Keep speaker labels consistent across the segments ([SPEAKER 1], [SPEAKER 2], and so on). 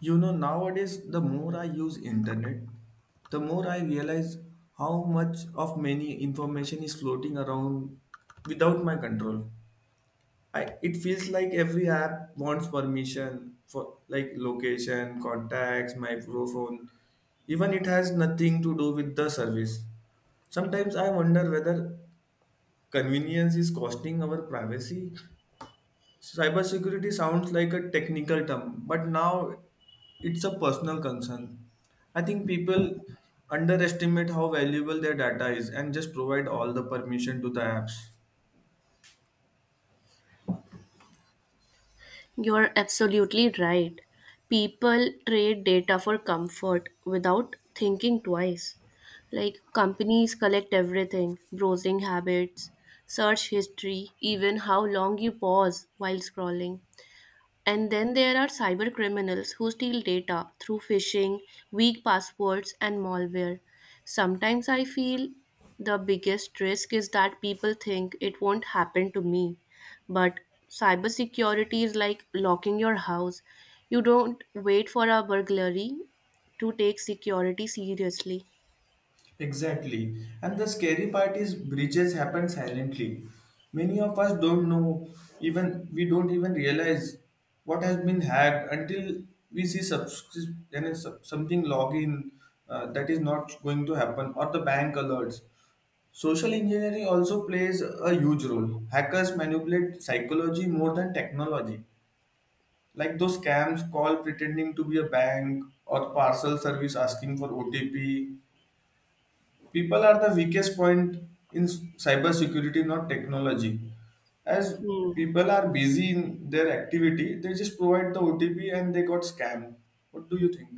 [SPEAKER 1] You know, nowadays, the more I use internet, the more I realize how much of many information is floating around without my control. It feels like every app wants permission for like location, contacts, microphone. Even it has nothing to do with the service. Sometimes I wonder whether convenience is costing our privacy. Cybersecurity sounds like a technical term, but now it's a personal concern. I think people underestimate how valuable their data is and just provide all the permission to the apps.
[SPEAKER 2] You're absolutely right. People trade data for comfort without thinking twice. Like, companies collect everything: browsing habits, search history, even how long you pause while scrolling. And then there are cyber criminals who steal data through phishing, weak passwords, and malware. Sometimes I feel the biggest risk is that people think it won't happen to me. But cybersecurity is like locking your house. You don't wait for a burglary to take security seriously.
[SPEAKER 1] Exactly. And the scary part is breaches happen silently. Many of us don't know, even we don't even realize what has been hacked until we and it's something login, that is not going to happen or the bank alerts. Social engineering also plays a huge role. Hackers manipulate psychology more than technology. Like those scams call pretending to be a bank or parcel service asking for OTP. People are the weakest point in cybersecurity, not technology. As
[SPEAKER 2] Hmm.
[SPEAKER 1] people are busy in their activity, they just provide the OTP and they got scammed. What do you think?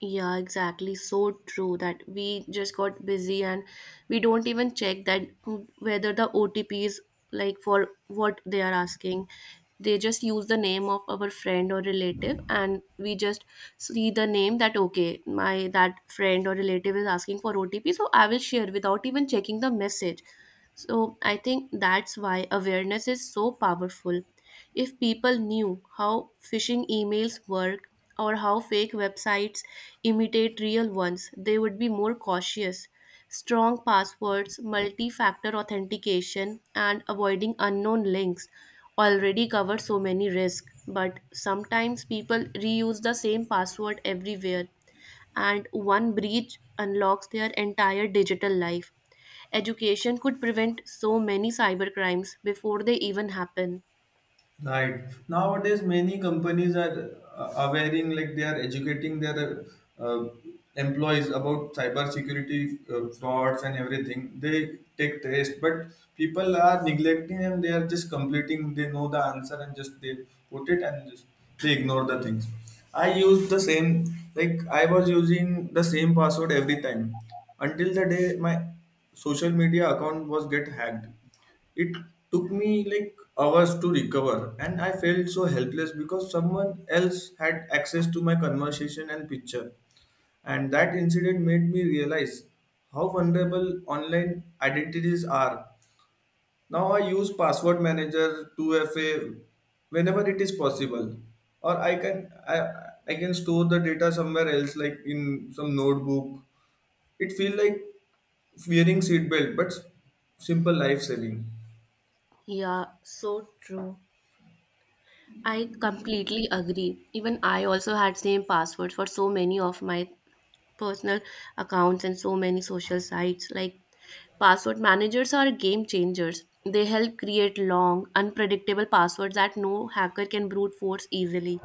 [SPEAKER 2] Yeah, exactly. So true that we just got busy and we don't even check that, whether the OTP is like for what they are asking. They just use the name of our friend or relative and we just see the name that okay, my that friend or relative is asking for OTP, so I will share without even checking the message. So I think that's why awareness is so powerful. If people knew how phishing emails work or how fake websites imitate real ones, they would be more cautious. Strong passwords, multi factor authentication, and avoiding unknown links already cover so many risks. But sometimes people reuse the same password everywhere, and one breach unlocks their entire digital life. Education could prevent so many cybercrimes before they even happen.
[SPEAKER 1] Right. Nowadays, many companies are awareing, like they are educating their uh, employees about cybersecurity frauds and everything. They take test, but people are neglecting and they are just completing. They know the answer and just they put it and just they ignore the things. I use the same, like I was using the same password every time until the day my social media account was get hacked. It took me like hours to recover, and I felt so helpless because someone else had access to my conversation and picture. And that incident made me realize how vulnerable online identities are. Now I use password manager 2FA whenever it is possible, or I can store the data somewhere else, like in some notebook. It feels like wearing seatbelt, but simple life saving.
[SPEAKER 2] Yeah, so true. I completely agree. Even I also had same password for so many of my personal accounts and so many social sites. Like, password managers are game changers. They help create long, unpredictable passwords that no hacker can brute force easily.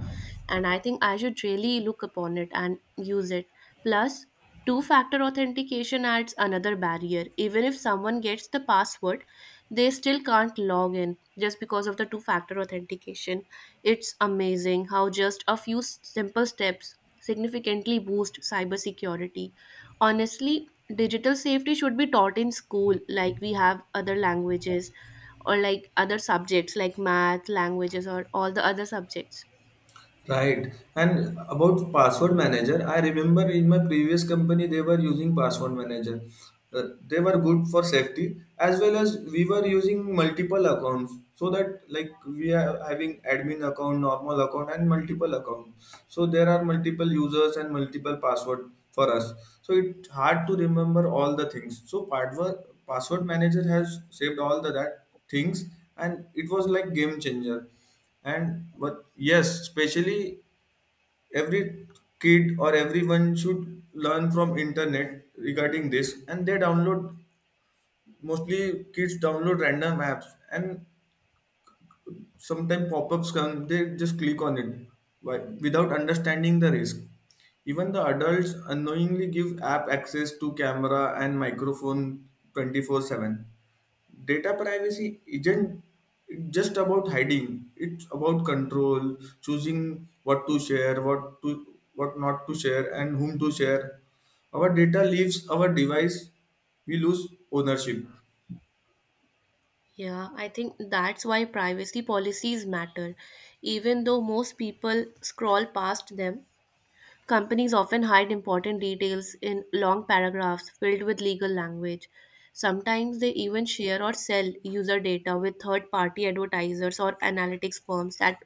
[SPEAKER 2] And I think I should really look upon it and use it. Plus, two factor authentication adds another barrier. Even if someone gets the password, they still can't log in just because of the two factor authentication. It's amazing how just a few simple steps significantly boost cybersecurity. Honestly, digital safety should be taught in school like we have other languages or like other subjects like math, languages, or all the other subjects.
[SPEAKER 1] Right. And about password manager, I remember in my previous company they were using password manager. They were good for safety as well as we were using multiple accounts so that like we are having admin account, normal account and multiple account. So there are multiple users and multiple password for us. So it's hard to remember all the things. So password manager has saved all the that things and it was like game changer. And but yes, especially every kid or everyone should learn from internet regarding this, and they download, mostly kids download random apps, and sometimes pop-ups come, they just click on it, why, without understanding the risk. Even the adults unknowingly give app access to camera and microphone 24/7. Data privacy isn't just about hiding, it's about control, choosing what to share, what not to share and whom to share. Our data leaves our device, we lose ownership.
[SPEAKER 2] Yeah, I think that's why privacy policies matter. Even though most people scroll past them, companies often hide important details in long paragraphs filled with legal language. Sometimes they even share or sell user data with third party advertisers or analytics firms that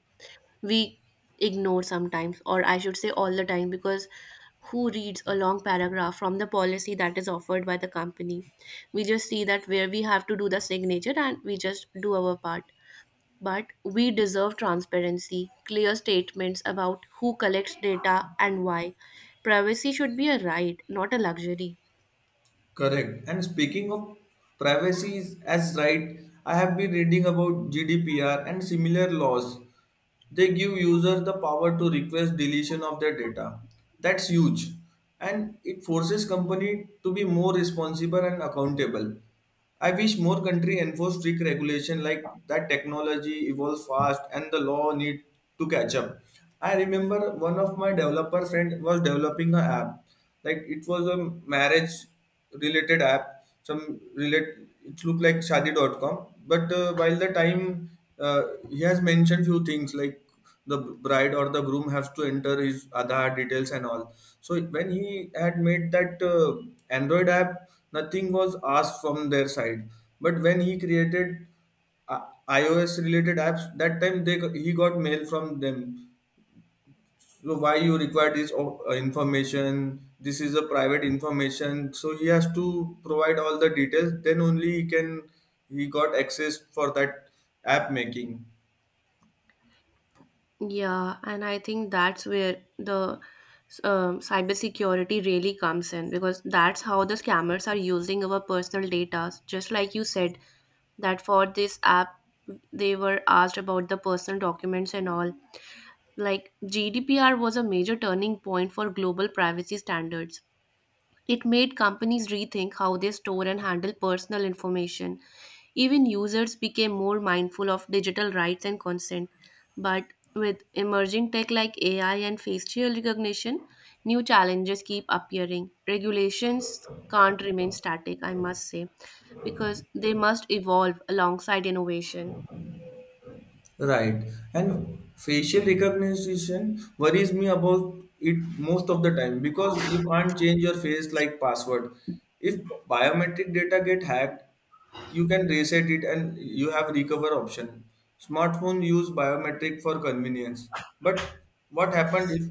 [SPEAKER 2] we ignore sometimes, or I should say all the time, because who reads a long paragraph from the policy that is offered by the company? We just see that where we have to do the signature and we just do our part. But we deserve transparency, clear statements about who collects data and why. Privacy should be a right, not a luxury.
[SPEAKER 1] Correct. And speaking of as right, I have been reading about GDPR and similar laws. They give users the power to request deletion of their data. That's huge. And it forces company to be more responsible and accountable. I wish more country enforce strict regulation like that. Technology evolves fast and the law need to catch up. I remember one of my developer friend was developing an app. Like it was a marriage related app. Some relate It looked like shadi.com. But while the time, uh, he has mentioned few things like the bride or the groom has to enter his Aadhaar details and all. So when he had made that Android app, nothing was asked from their side. But when he created, uh, iOS related apps, that time they he got mail from them. So why you require this information? This is a private information. So he has to provide all the details. Then only he got access for that app making.
[SPEAKER 2] Yeah, and I think that's where the cybersecurity really comes in because that's how the scammers are using our personal data. Just like you said, that for this app, they were asked about the personal documents and all. Like, GDPR was a major turning point for global privacy standards. It made companies rethink how they store and handle personal information. Even users became more mindful of digital rights and consent. But with emerging tech like AI and facial recognition, new challenges keep appearing. Regulations can't remain static, I must say, because they must evolve alongside innovation.
[SPEAKER 1] Right. And facial recognition worries me about it most of the time because you can't change your face like password. If biometric data get hacked, you can reset it and you have recover option. Smartphone use biometric for convenience. But what happened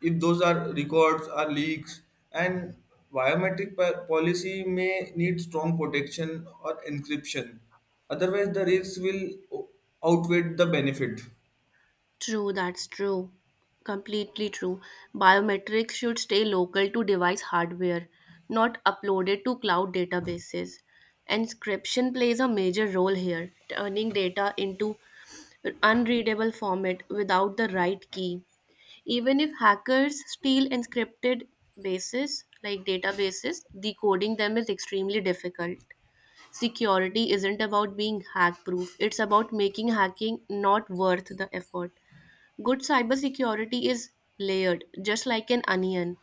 [SPEAKER 1] if those are records are leaks, and policy may need strong protection or encryption. Otherwise, the risks will o- outweigh the benefit.
[SPEAKER 2] True, that's true. Completely true. Biometrics should stay local to device hardware, not uploaded to cloud databases. Encryption plays a major role here, turning data into unreadable format without the right key. Even if hackers steal encrypted bases like databases, decoding them is extremely difficult. Security isn't about being hack proof, it's about making hacking not worth the effort. Good cybersecurity is layered, just like an onion.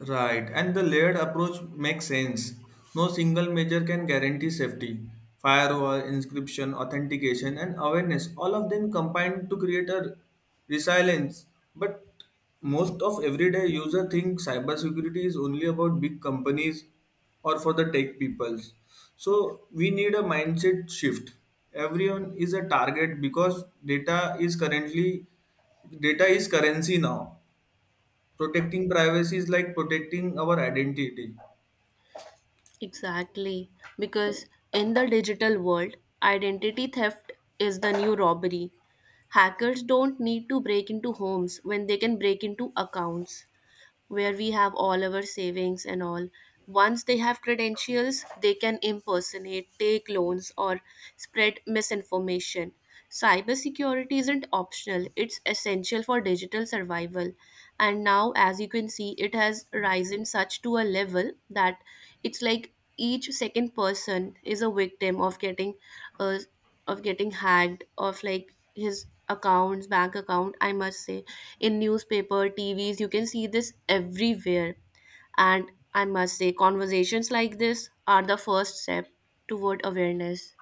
[SPEAKER 1] Right, and the layered approach makes sense. No single measure can guarantee safety. Firewall, inscription, authentication, and awareness, all of them combined to create a resilience. But most of everyday user think cybersecurity is only about big companies or for the tech peoples. So we need a mindset shift. Everyone is a target because data is currency now. Protecting privacy is like protecting our identity.
[SPEAKER 2] Exactly. Because in the digital world, identity theft is the new robbery. Hackers don't need to break into homes when they can break into accounts, where we have all our savings and all. Once they have credentials, they can impersonate, take loans, or spread misinformation. Cybersecurity isn't optional, it's essential for digital survival. And now, as you can see, it has risen such to a level that it's like each second person is a victim of uh, getting hacked, of like his accounts, bank account, I must say. In newspaper, TVs, you can see this everywhere. And I must say conversations like this are the first step toward awareness.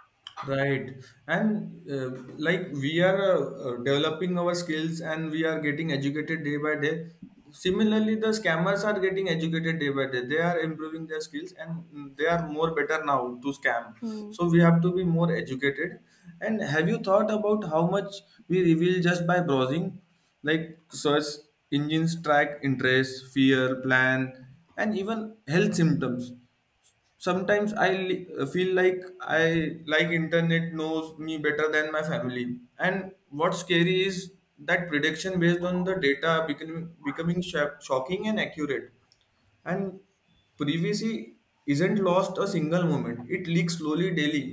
[SPEAKER 1] Right. And like we are developing our skills and we are getting educated day by day. Similarly, the scammers are getting educated day by day. They are improving their skills and, they are more better now to scam.
[SPEAKER 2] Hmm.
[SPEAKER 1] So we have to be more educated. And have you thought about how much we reveal just by browsing? Like search engines track interest, fear, plan, and even health symptoms. Sometimes I feel like I like internet knows me better than my family, and what's scary is that prediction based on the data shocking and accurate. And privacy isn't lost a single moment, it leaks slowly daily.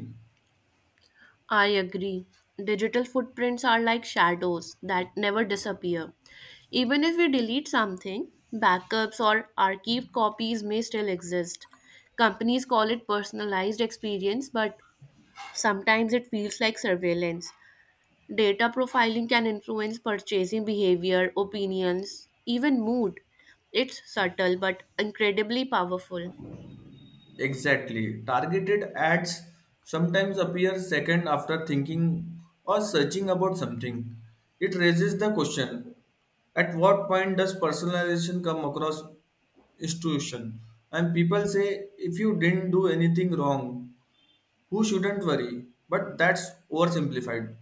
[SPEAKER 2] I agree. Digital footprints are like shadows that never disappear. Even if we delete something, backups or archived copies may still exist. Companies call it personalized experience, but sometimes it feels like surveillance. Data profiling can influence purchasing behavior, opinions, even mood. It's subtle but incredibly powerful.
[SPEAKER 1] Exactly. Targeted ads sometimes appear second after thinking or searching about something. It raises the question, at what point does personalization come across institution? And people say, if you didn't do anything wrong, who shouldn't worry? But that's oversimplified.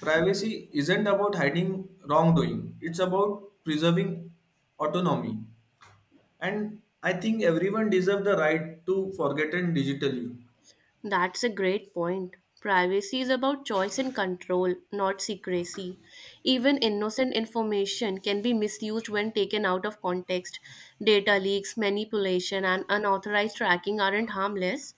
[SPEAKER 1] Privacy isn't about hiding wrongdoing. It's about preserving autonomy, and I think everyone deserves the right to forgotten digitally.
[SPEAKER 2] That's a great point. Privacy is about choice and control, not secrecy. Even innocent information can be misused when taken out of context. Data leaks, manipulation, and unauthorized tracking aren't harmless.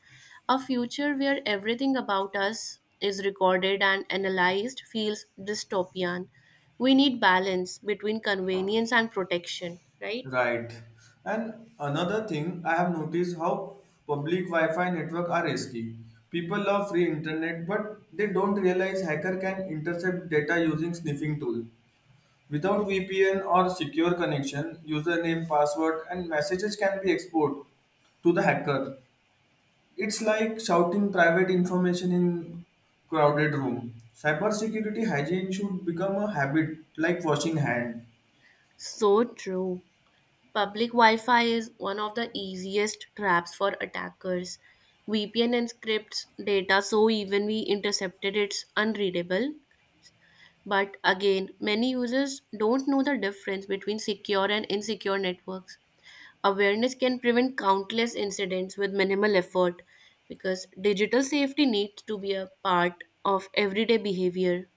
[SPEAKER 2] A future where everything about us is recorded and analyzed feels dystopian. We need balance between convenience and protection, right?
[SPEAKER 1] Right. And another thing I have noticed how public Wi-Fi network are risky. People love free internet, but they don't realize hacker can intercept data using sniffing tool. Without VPN or secure connection, username, password, and messages can be exported to the hacker. It's like shouting private information in crowded room. Cybersecurity hygiene should become a habit like washing hand.
[SPEAKER 2] So true. Public Wi-Fi is one of the easiest traps for attackers. VPN encrypts data so even we intercepted it's unreadable. But again, many users don't know the difference between secure and insecure networks. Awareness can prevent countless incidents with minimal effort because digital safety needs to be a part of everyday behavior.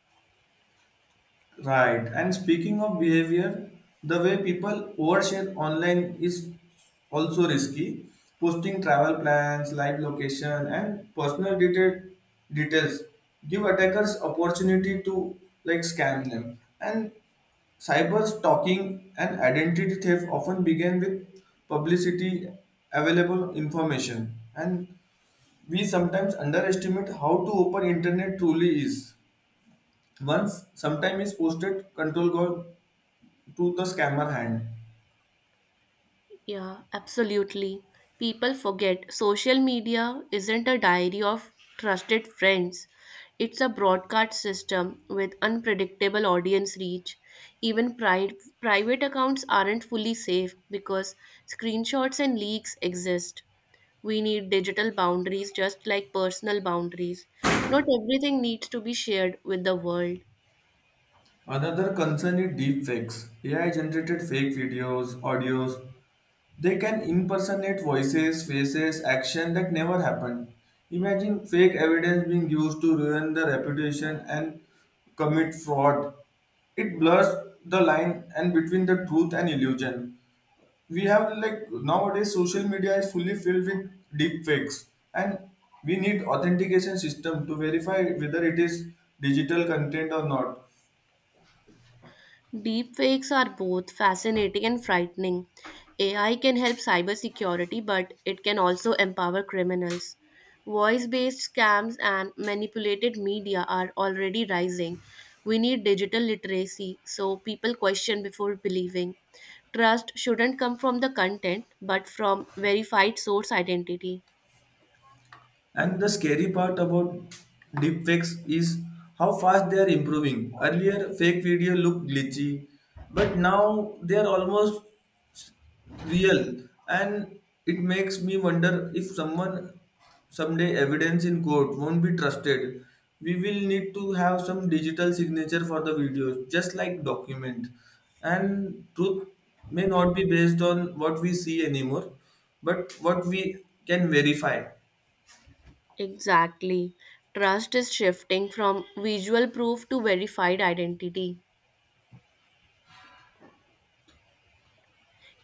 [SPEAKER 1] Right. And speaking of behavior, the way people overshare online is also risky. Posting travel plans, live location, and details give attackers opportunity to like scam them. And cyber stalking and identity theft often begin with publicity available information. And we sometimes underestimate how to open internet truly is. Once sometime is posted, control go to the scammer hand.
[SPEAKER 2] Yeah, absolutely. People forget social media isn't a diary of trusted friends. It's a broadcast system with unpredictable audience reach. Even private accounts aren't fully safe because screenshots and leaks exist. We need digital boundaries just like personal boundaries. Not everything needs to be shared with the world.
[SPEAKER 1] Another concern is deepfakes. AI generated fake videos, audios. They can impersonate voices, faces, action that never happened. Imagine fake evidence being used to ruin the reputation and commit fraud. It blurs the line and between the truth and illusion. We have like nowadays social media is fully filled with deep fakes, and we need authentication system to verify whether it is digital content or not.
[SPEAKER 2] Deepfakes are both fascinating and frightening. AI can help cybersecurity, but it can also empower criminals. Voice based scams and manipulated media are already rising. We need digital literacy so people question before believing. Trust shouldn't come from the content, but from verified source identity.
[SPEAKER 1] And the scary part about deepfakes is how fast they are improving. Earlier fake video looked glitchy, but now they are almost real. And it makes me wonder if someone someday evidence in court won't be trusted. We will need to have some digital signature for the videos just like document. And truth may not be based on what we see anymore, but what we can verify.
[SPEAKER 2] Exactly. Trust is shifting from visual proof to verified identity.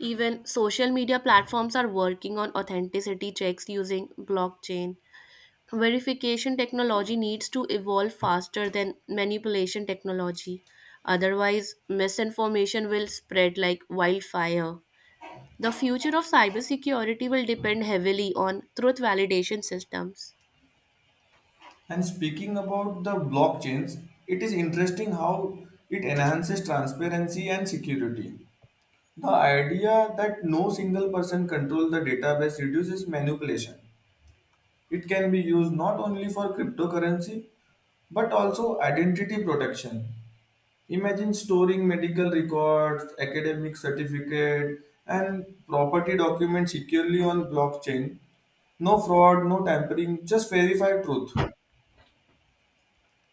[SPEAKER 2] Even social media platforms are working on authenticity checks using blockchain. Verification technology needs to evolve faster than manipulation technology. Otherwise, misinformation will spread like wildfire. The future of cybersecurity will depend heavily on truth validation systems.
[SPEAKER 1] And speaking about the blockchains, it is interesting how it enhances transparency and security. The idea that no single person controls the database reduces manipulation. It can be used not only for cryptocurrency but also identity protection. Imagine storing medical records, academic certificate, and property documents securely on blockchain. No fraud, no tampering, just verify truth.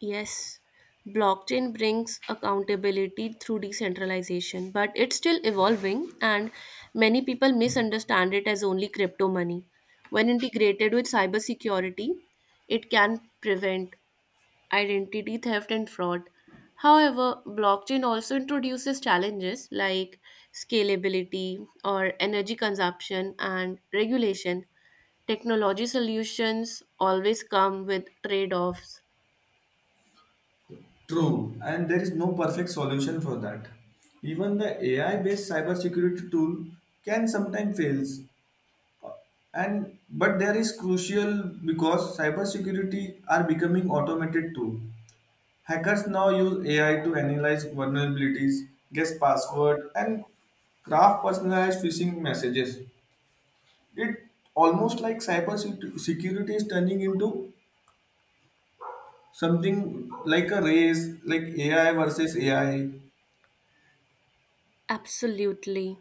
[SPEAKER 2] Yes, blockchain brings accountability through decentralization, but it's still evolving, and many people misunderstand it as only crypto money. When integrated with cybersecurity, it can prevent identity theft and fraud. However, blockchain also introduces challenges like scalability or energy consumption and regulation. Technology solutions always come with trade offs.
[SPEAKER 1] True, and there is no perfect solution for that. Even the AI based cybersecurity tool can sometimes fail, and but there is crucial because cybersecurity are becoming automated too. Hackers now use AI to analyze vulnerabilities, guess password, and craft personalized phishing messages. It almost like cybersecurity is turning into something like a race, like AI versus AI.
[SPEAKER 2] Absolutely.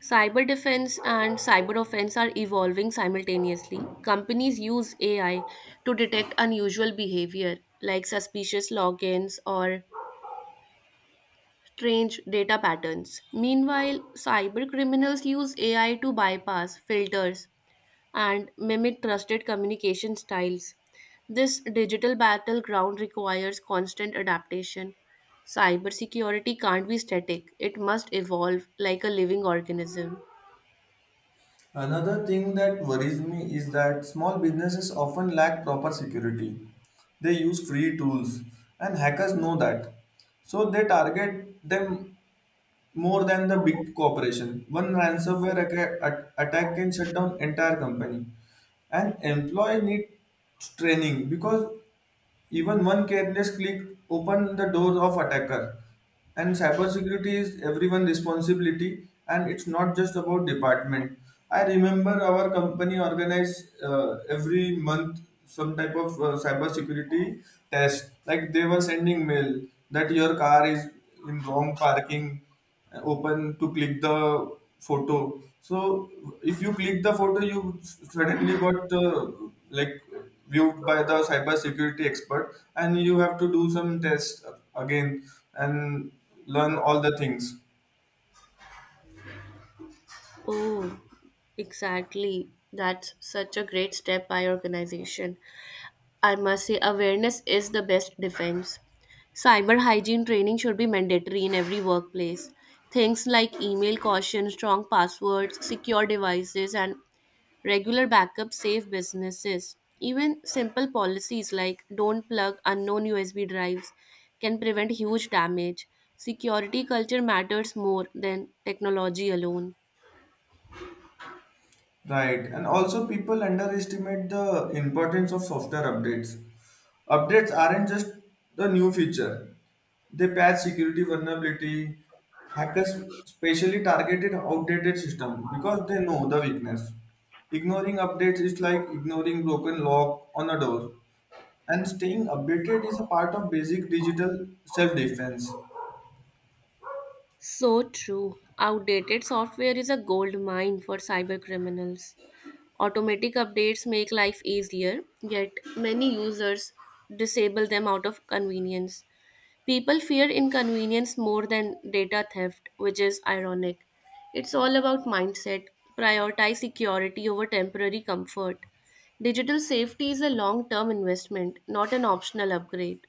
[SPEAKER 2] Cyber defense and cyber offense are evolving simultaneously. Companies use AI to detect unusual behavior like suspicious logins or strange data patterns. Meanwhile, cyber criminals use AI to bypass filters and mimic trusted communication styles. This digital battleground requires constant adaptation. Cybersecurity can't be static, it must evolve like a living organism.
[SPEAKER 1] Another thing that worries me is that small businesses often lack proper security. They use free tools, and hackers know that. So they target them more than the big corporation. One ransomware attack can shut down entire company. An employee needs training because even one careless click open the door of attacker. And cybersecurity is everyone's responsibility, and it's not just about department. I remember our company organized, every month some type of cybersecurity test. Like they were sending mail that your car is in wrong parking, open to click the photo. So if you click the photo, you suddenly got, like, viewed by the cyber security expert and you have to do some tests again and learn all the things.
[SPEAKER 2] Oh, exactly. That's such a great step by organization. I must say, awareness is the best defense. Cyber hygiene training should be mandatory in every workplace. Things like email caution, strong passwords, secure devices, and regular backups save businesses. Even simple policies like don't plug unknown USB drives can prevent huge damage. Security culture matters more than technology alone.
[SPEAKER 1] Right, and also people underestimate the importance of software updates. Updates aren't just the new feature, they patch security vulnerability. Hackers specially targeted outdated systems because they know the weakness. Ignoring updates is like ignoring broken lock on a door. And staying updated is a part of basic digital self-defense.
[SPEAKER 2] So true. Outdated software is a gold mine for cyber criminals. Automatic updates make life easier, yet many users disable them out of convenience. People fear inconvenience more than data theft, which is ironic. It's all about mindset. Prioritize security over temporary comfort. Digital safety is a long term investment, not an optional upgrade.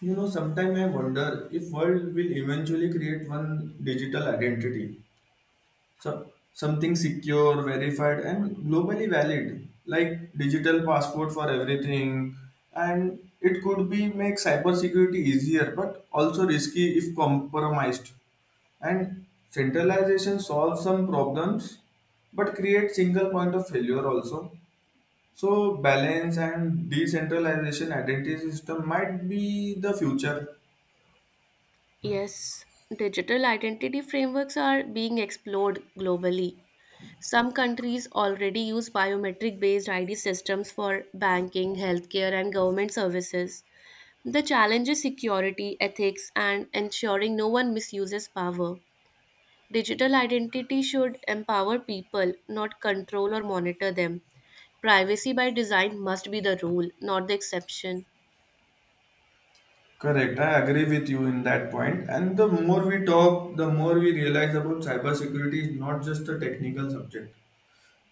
[SPEAKER 1] You know, sometimes I wonder if world will eventually create one digital identity. So, something secure, verified, and globally valid, like digital passport for everything. And it could be make cybersecurity easier, but also risky if compromised. And centralization solves some problems, but creates single point of failure also. So balance and decentralization identity system might be the future.
[SPEAKER 2] Yes, digital identity frameworks are being explored globally. Some countries already use biometric based ID systems for banking, healthcare, and government services. The challenge is security, ethics, and ensuring no one misuses power. Digital identity should empower people, not control or monitor them. Privacy by design must be the rule, not the exception.
[SPEAKER 1] Correct. I agree with you in that point. And the more we talk, the more we realize about cybersecurity is not just a technical subject.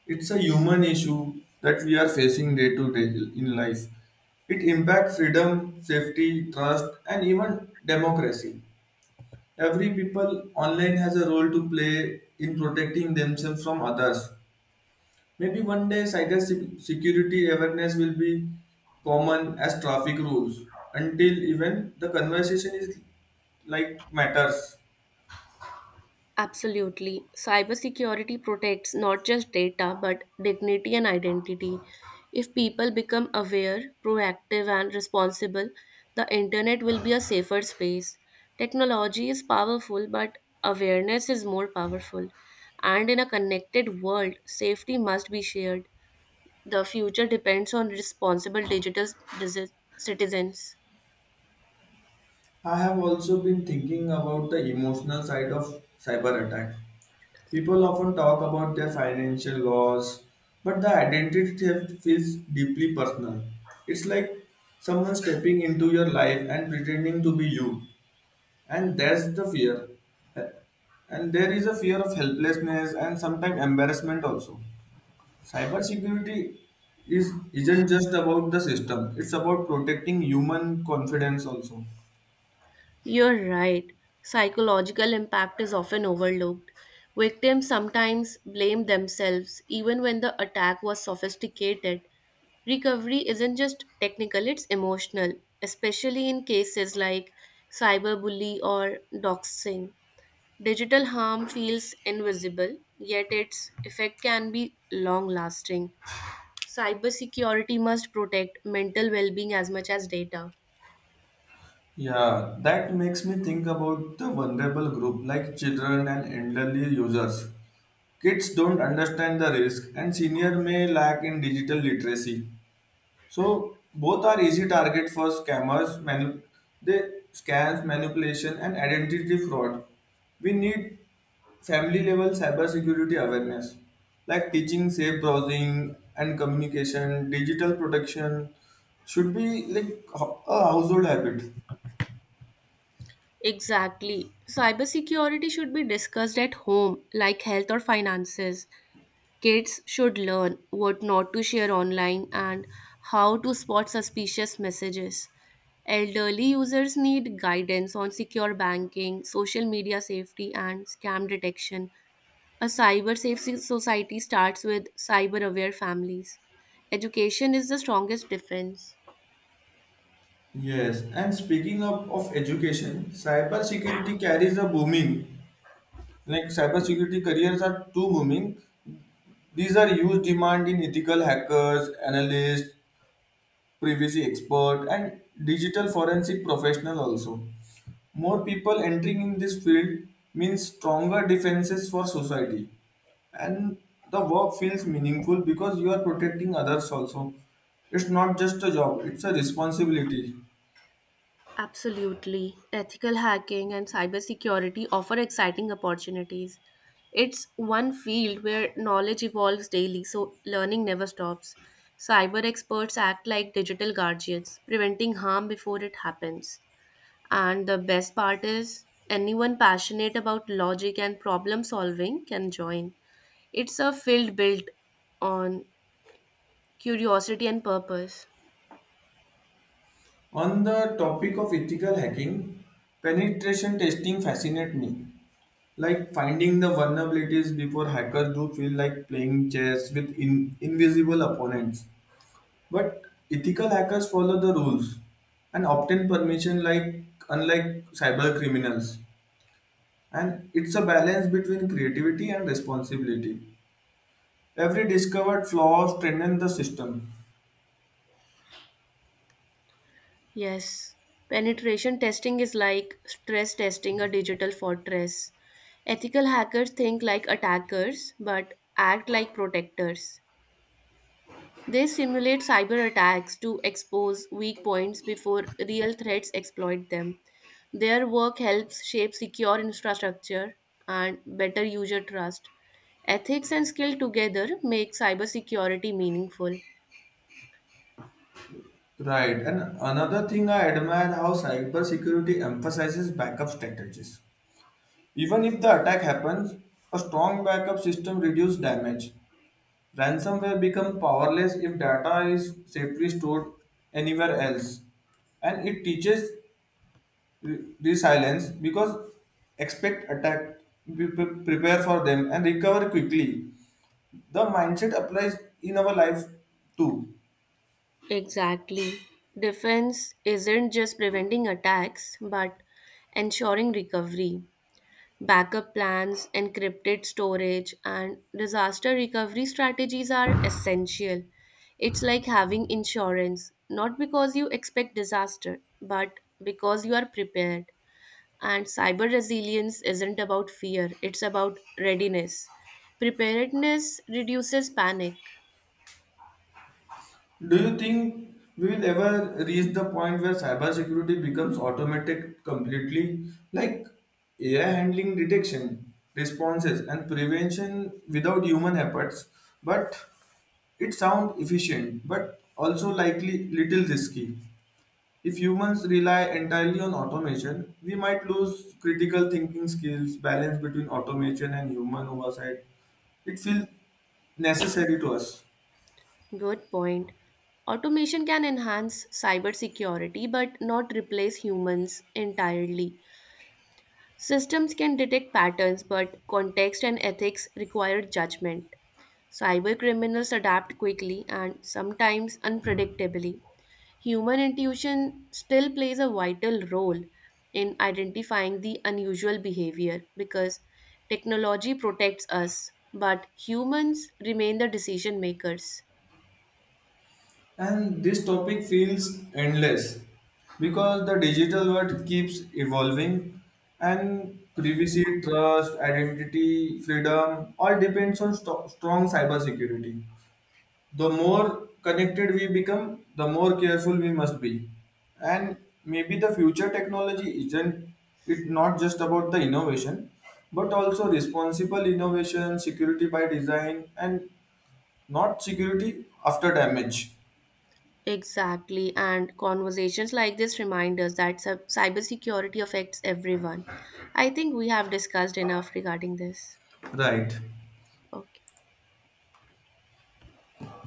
[SPEAKER 1] It's a human issue that we are facing day to day in life. It impacts freedom, safety, trust, and even democracy. Every people online has a role to play in protecting themselves from others. Maybe one day security awareness will be common as traffic rules until even the conversation is like matters.
[SPEAKER 2] Absolutely. Cybersecurity protects not just data but dignity and identity. If people become aware, proactive, and responsible, the internet will be a safer space. Technology is powerful, but awareness is more powerful. And in a connected world, safety must be shared. The future depends on responsible digital disi- citizens.
[SPEAKER 1] I have also been thinking about the emotional side of cyber attack. People often talk about their financial loss, but the identity theft feels deeply personal. It's like someone stepping into your life and pretending to be you, and that's the fear, and there is a fear of helplessness and sometimes embarrassment also. Cybersecurity is isn't just about the system, it's about protecting human confidence also.
[SPEAKER 2] You're right. Psychological impact is often overlooked. Victims sometimes blame themselves even when the attack was sophisticated. Recovery isn't just technical, it's emotional, especially in cases like cyberbully or doxing. Digital harm feels invisible, yet its effect can be long lasting. Cybersecurity must protect mental well being as much as data.
[SPEAKER 1] Yeah, that makes me think about the vulnerable group like children and elderly users. Kids don't understand the risk and senior may lack in digital literacy. So both are easy target for scammers. They scams, manipulation, and identity fraud. We need family level cybersecurity awareness, like teaching safe browsing and communication, digital protection should be like a household habit.
[SPEAKER 2] Exactly. Cybersecurity should be discussed at home, like health or finances. Kids should learn what not to share online and how to spot suspicious messages. Elderly users need guidance on secure banking, social media safety, and scam detection. A cyber safe society starts with cyber aware families. Education is the strongest defense.
[SPEAKER 1] Yes, and speaking of education, cybersecurity carries a booming. Like cybersecurity careers are too booming. These are huge demand in ethical hackers, analysts, privacy expert and digital forensic professional also. More people entering in this field means stronger defenses for society, and the work feels meaningful because you are protecting others also. It's not just a job, it's a responsibility.
[SPEAKER 2] Absolutely. Ethical hacking and cybersecurity offer exciting opportunities. It's one field where knowledge evolves daily, so learning never stops. Cyber experts act like digital guardians, preventing harm before it happens. And the best part is, anyone passionate about logic and problem solving can join. It's a field built on curiosity and purpose.
[SPEAKER 1] On the topic of ethical hacking, penetration testing fascinates me, like finding the vulnerabilities before hackers do feel like playing chess with invisible opponents. But ethical hackers follow the rules and obtain permission like unlike cyber criminals. And it's a balance between creativity and responsibility. Every discovered flaw strengthens the system.
[SPEAKER 2] Yes, penetration testing is like stress testing a digital fortress. Ethical hackers think like attackers but act like protectors. They simulate cyber attacks to expose weak points before real threats exploit them. Their work helps shape secure infrastructure and better user trust. Ethics and skill together make cybersecurity meaningful.
[SPEAKER 1] Right. And another thing I admire how cybersecurity emphasizes backup strategies. Even if the attack happens, a strong backup system reduces damage. Ransomware becomes powerless if data is safely stored anywhere else. And it teaches these islands because expect attack, we prepare for them and recover quickly. The mindset applies in our life too.
[SPEAKER 2] Exactly. Defense isn't just preventing attacks, but ensuring recovery. Backup plans, encrypted storage, and disaster recovery strategies are essential. It's like having insurance, not because you expect disaster, but because you are prepared. And cyber resilience isn't about fear, it's about readiness. Preparedness reduces panic.
[SPEAKER 1] Do you think we will ever reach the point where cybersecurity becomes automatic completely, like AI handling detection responses and prevention without human efforts? But it sounds efficient but also likely little risky. If humans rely entirely on automation, we might lose critical thinking skills, balance between automation and human oversight. It feels necessary to us.
[SPEAKER 2] Good point. Automation can enhance cybersecurity but not replace humans entirely. Systems can detect patterns, but context and ethics require judgment. Cyber criminals adapt quickly and sometimes unpredictably. Human intuition still plays a vital role in identifying the unusual behavior because technology protects us, but humans remain the decision makers.
[SPEAKER 1] And this topic feels endless because the digital world keeps evolving and privacy, trust, identity, freedom all depends on strong cybersecurity. The more connected we become, the more careful we must be. And maybe the future technology isn't it not just about the innovation, but also responsible innovation, security by design, and not security after damage.
[SPEAKER 2] Exactly, and conversations like this remind us that cybersecurity affects everyone. I think we have discussed enough regarding this.
[SPEAKER 1] Right.
[SPEAKER 2] Okay.